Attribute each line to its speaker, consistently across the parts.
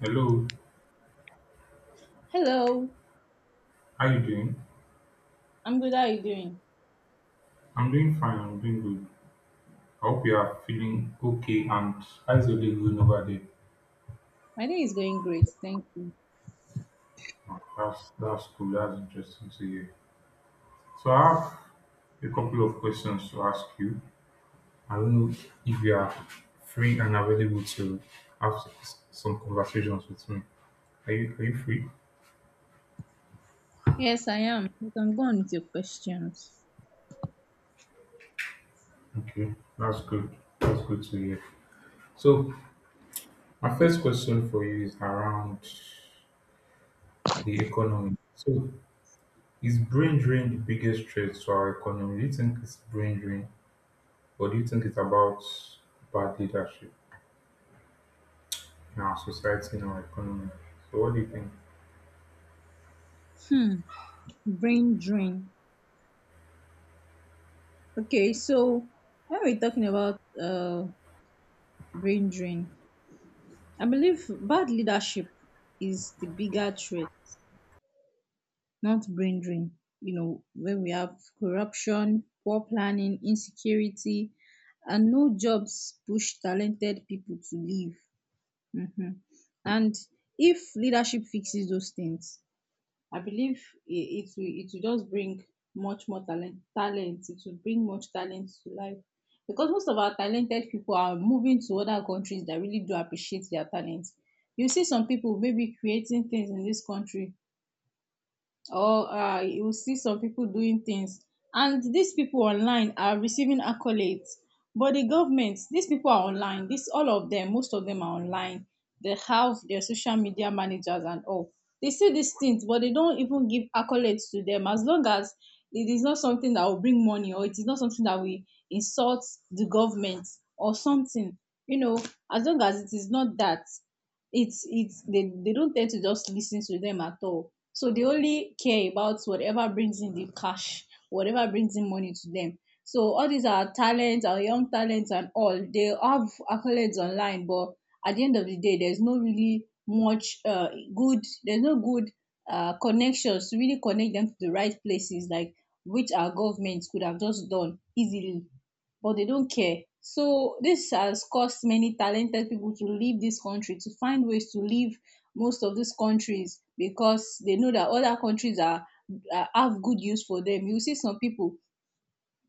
Speaker 1: Hello,
Speaker 2: Hello,
Speaker 1: how you doing?
Speaker 2: I'm good. How are you doing?
Speaker 1: I'm doing fine, I'm doing good. I hope you are feeling okay, and how's your day going over there?
Speaker 2: My day is going great, thank you.
Speaker 1: Oh, that's cool, that's interesting to hear. So I have a couple of questions to ask you. I don't know if you are free and available to have some conversations with me. Are you free?
Speaker 2: Yes, I am. You can go on with your questions.
Speaker 1: Okay, that's good. That's good to hear. So my first question for you is around the economy. So is brain drain the biggest threat to our economy? Do you think it's brain drain, or do you think it's about bad leadership in our society, in our economy? So, what do you think?
Speaker 2: Hmm, brain drain. Okay, so when we're talking about brain drain, I believe bad leadership is the bigger threat, not brain drain. You know, when we have corruption, poor planning, insecurity, and no jobs push talented people to leave. Mhm. And if leadership fixes those things, I believe it will just bring much more talent. It will bring much talent to life. Because most of our talented people are moving to other countries that really do appreciate their talent. You see some people maybe creating things in this country or you will see some people doing things, and these people online are receiving accolades, but the government, these people are online, this all of them, most of them are online, they have their social media managers and all. They see these things but they don't even give accolades to them as long as it is not something that will bring money, or it is not something that will insult the government or something, you know, as long as it is not that, it's they don't tend to just listen to them at all, so they only care about whatever brings in the cash, whatever brings in money to them. So all these are talents, our young talents and all, they have accolades online but at the end of the day there's no really much good, there's no good connections to really connect them to the right places, like which our government could have just done easily, but they don't care. So this has caused many talented people to leave this country, to find ways to leave most of these countries, because they know that other countries are have good use for them. You see some people,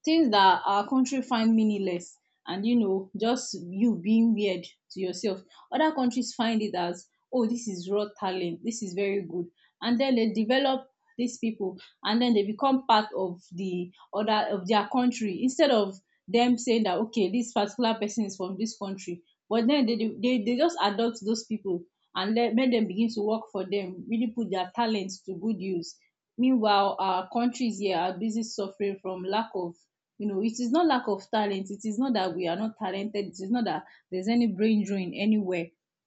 Speaker 2: things that our country find meaningless and, you know, just you being weird to yourself, other countries find it as, oh, this is raw talent, this is very good, and then they develop these people and then they become part of the other of their country, instead of them saying that, okay, this particular person is from this country, but then they just adopt those people and let make them begin to work for them, really put their talents to good use. Meanwhile, our countries here are busy suffering from lack of, you know, it is not lack of talent. It is not that we are not talented. It is not that there's any brain drain anywhere.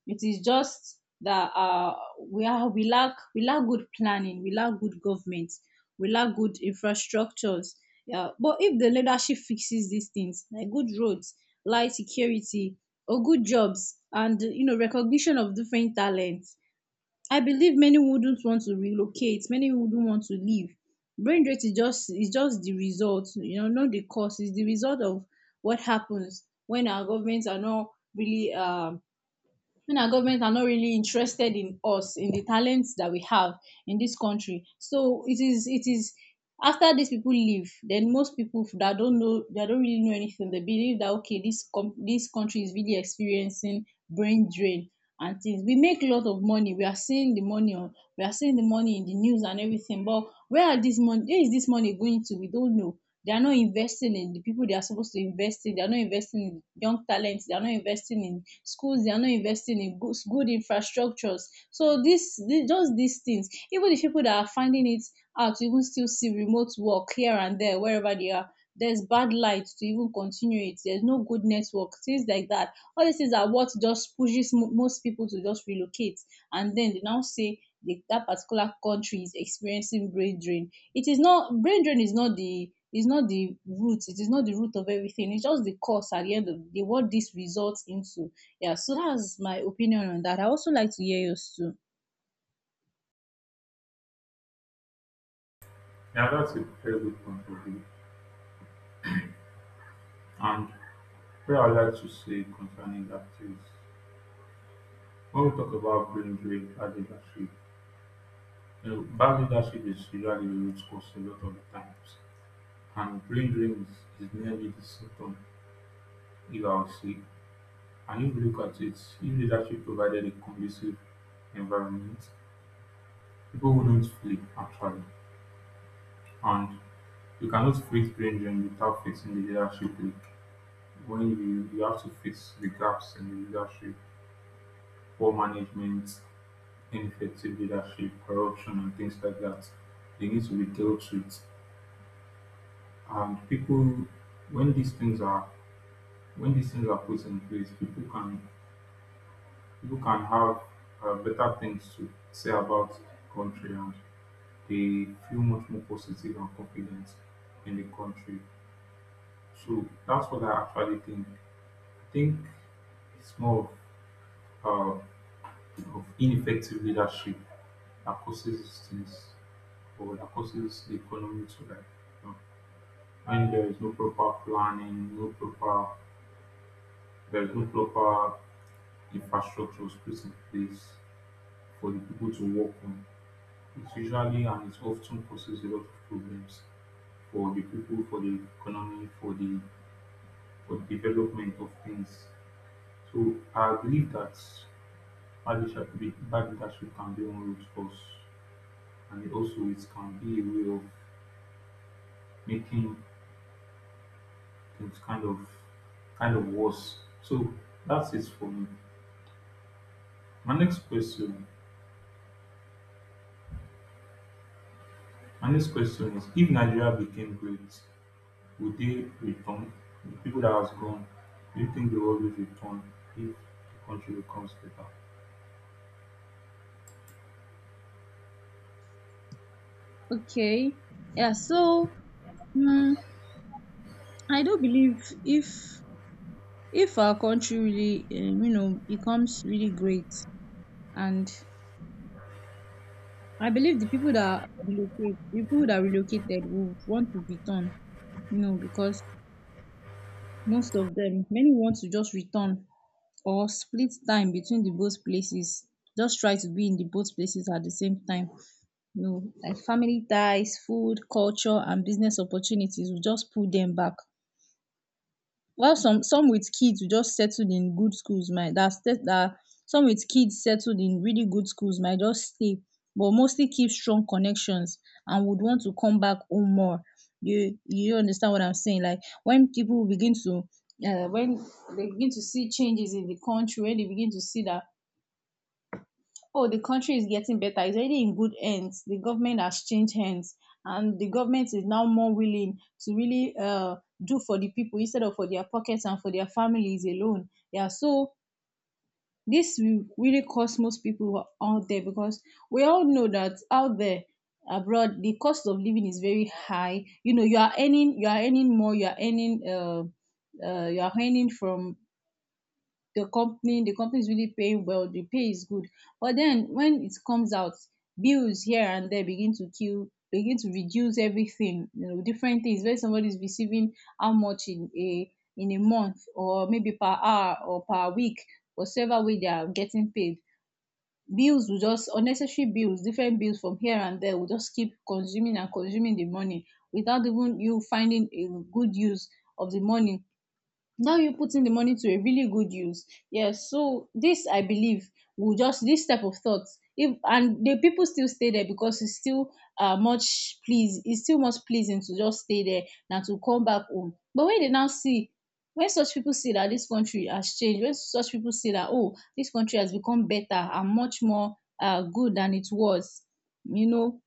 Speaker 2: It is just that we lack good planning. We lack good government. We lack good infrastructures. Yeah, but if the leadership fixes these things, like good roads, light security, or good jobs, and, you know, recognition of different talents, I believe many wouldn't want to relocate, many wouldn't want to leave. Brain rot is just the result, you know, not the cause. It's the result of what happens when our governments are not really when our governments are not really interested in us, in the talents that we have in this country. So it is after these people leave, then most people that don't know, that don't really know anything, they believe that, okay, this com- this country is really experiencing brain drain and things. We make a lot of money. We are seeing the money on, we are seeing the money in the news and everything. But where is this money going to? We don't know. They are not investing in the people they are supposed to invest in. They are not investing in young talents. They are not investing in schools. They are not investing in good, good infrastructures. So this just these things. Even the people that are finding it out, you will still see remote work here and there wherever they are. There's bad light to even continue it. There's no good network, things like that. All these things are what just pushes most people to just relocate. And then they now say that particular country is experiencing brain drain. It is not, brain drain is not the root. It is not the root of everything. It's just the cause, at the end of the day, what this results into. Yeah. So that's my opinion on that. I also like to hear yours too.
Speaker 1: Yeah, that's a very good point of view. And what I'd like to say concerning that is, when we talk about brain drain, bad leadership, you know, bad leadership is usually the root cause a lot of the times. And brain drain is merely the symptom, if I would say. And if you look at it, if leadership provided a conducive environment, people wouldn't flee, actually, and you cannot face Grayson without facing the leadership leak. You have to face the gaps in the leadership, poor management, ineffective leadership, corruption, and things like that. They need to be dealt with. And people, when these things are when these things are put in place, people can have better things to say about the country, and they feel much more positive and confident in the country. So that's what I actually think. I think it's more of, uh, of ineffective leadership that causes things, or that causes the economy to, like, you know, when there is no proper planning, no proper there is no proper infrastructure was put in place for the people to work on. It's usually, and it often causes a lot of problems for the people, for the economy, for the development of things. So I believe that barbershop can be one route for us, and it also, it can be a way of making things kind of worse. So that's it for me. My next question, my next question is: if Nigeria became great, would they return? The people that has gone, do you think they will always return if the country becomes better?
Speaker 2: Okay. Yeah. So mm I do believe if our country really you know, becomes really great, and I believe the people that relocated will want to return, you know, because most of them, many want to just return or split time between the both places. Just try to be in the both places at the same time. You know, like family ties, food, culture, and business opportunities will just pull them back. While some with kids just settled in good schools might that set that some with kids settled in really good schools might just stay, but mostly keep strong connections and would want to come back home more. You understand what I'm saying? Like when people begin to when they begin to see changes in the country, when they begin to see that, oh, the country is getting better, it's already in good hands, the government has changed hands, and the government is now more willing to really do for the people instead of for their pockets and for their families alone. Yeah, so this will really cost most people who are out there, because we all know that out there abroad the cost of living is very high. You know, you are earning more, you are earning. You are earning from the company is really paying well, the pay is good, but then when it comes out, bills here and there begin to kill, begin to reduce everything, you know, different things. Where somebody is receiving how much in a month, or maybe per hour or per week, whatever way they are getting paid, bills will just, unnecessary bills, different bills from here and there will just keep consuming and consuming the money without even you finding a good use of the money, now you putting the money to a really good use. Yes, so this I believe will just, this type of thoughts. If and the people still stay there because it's still much please, it's still much pleasing to just stay there than to come back home. But when they now see, when such people see that this country has changed when such people see that, oh, this country has become better and much more good than it was, you know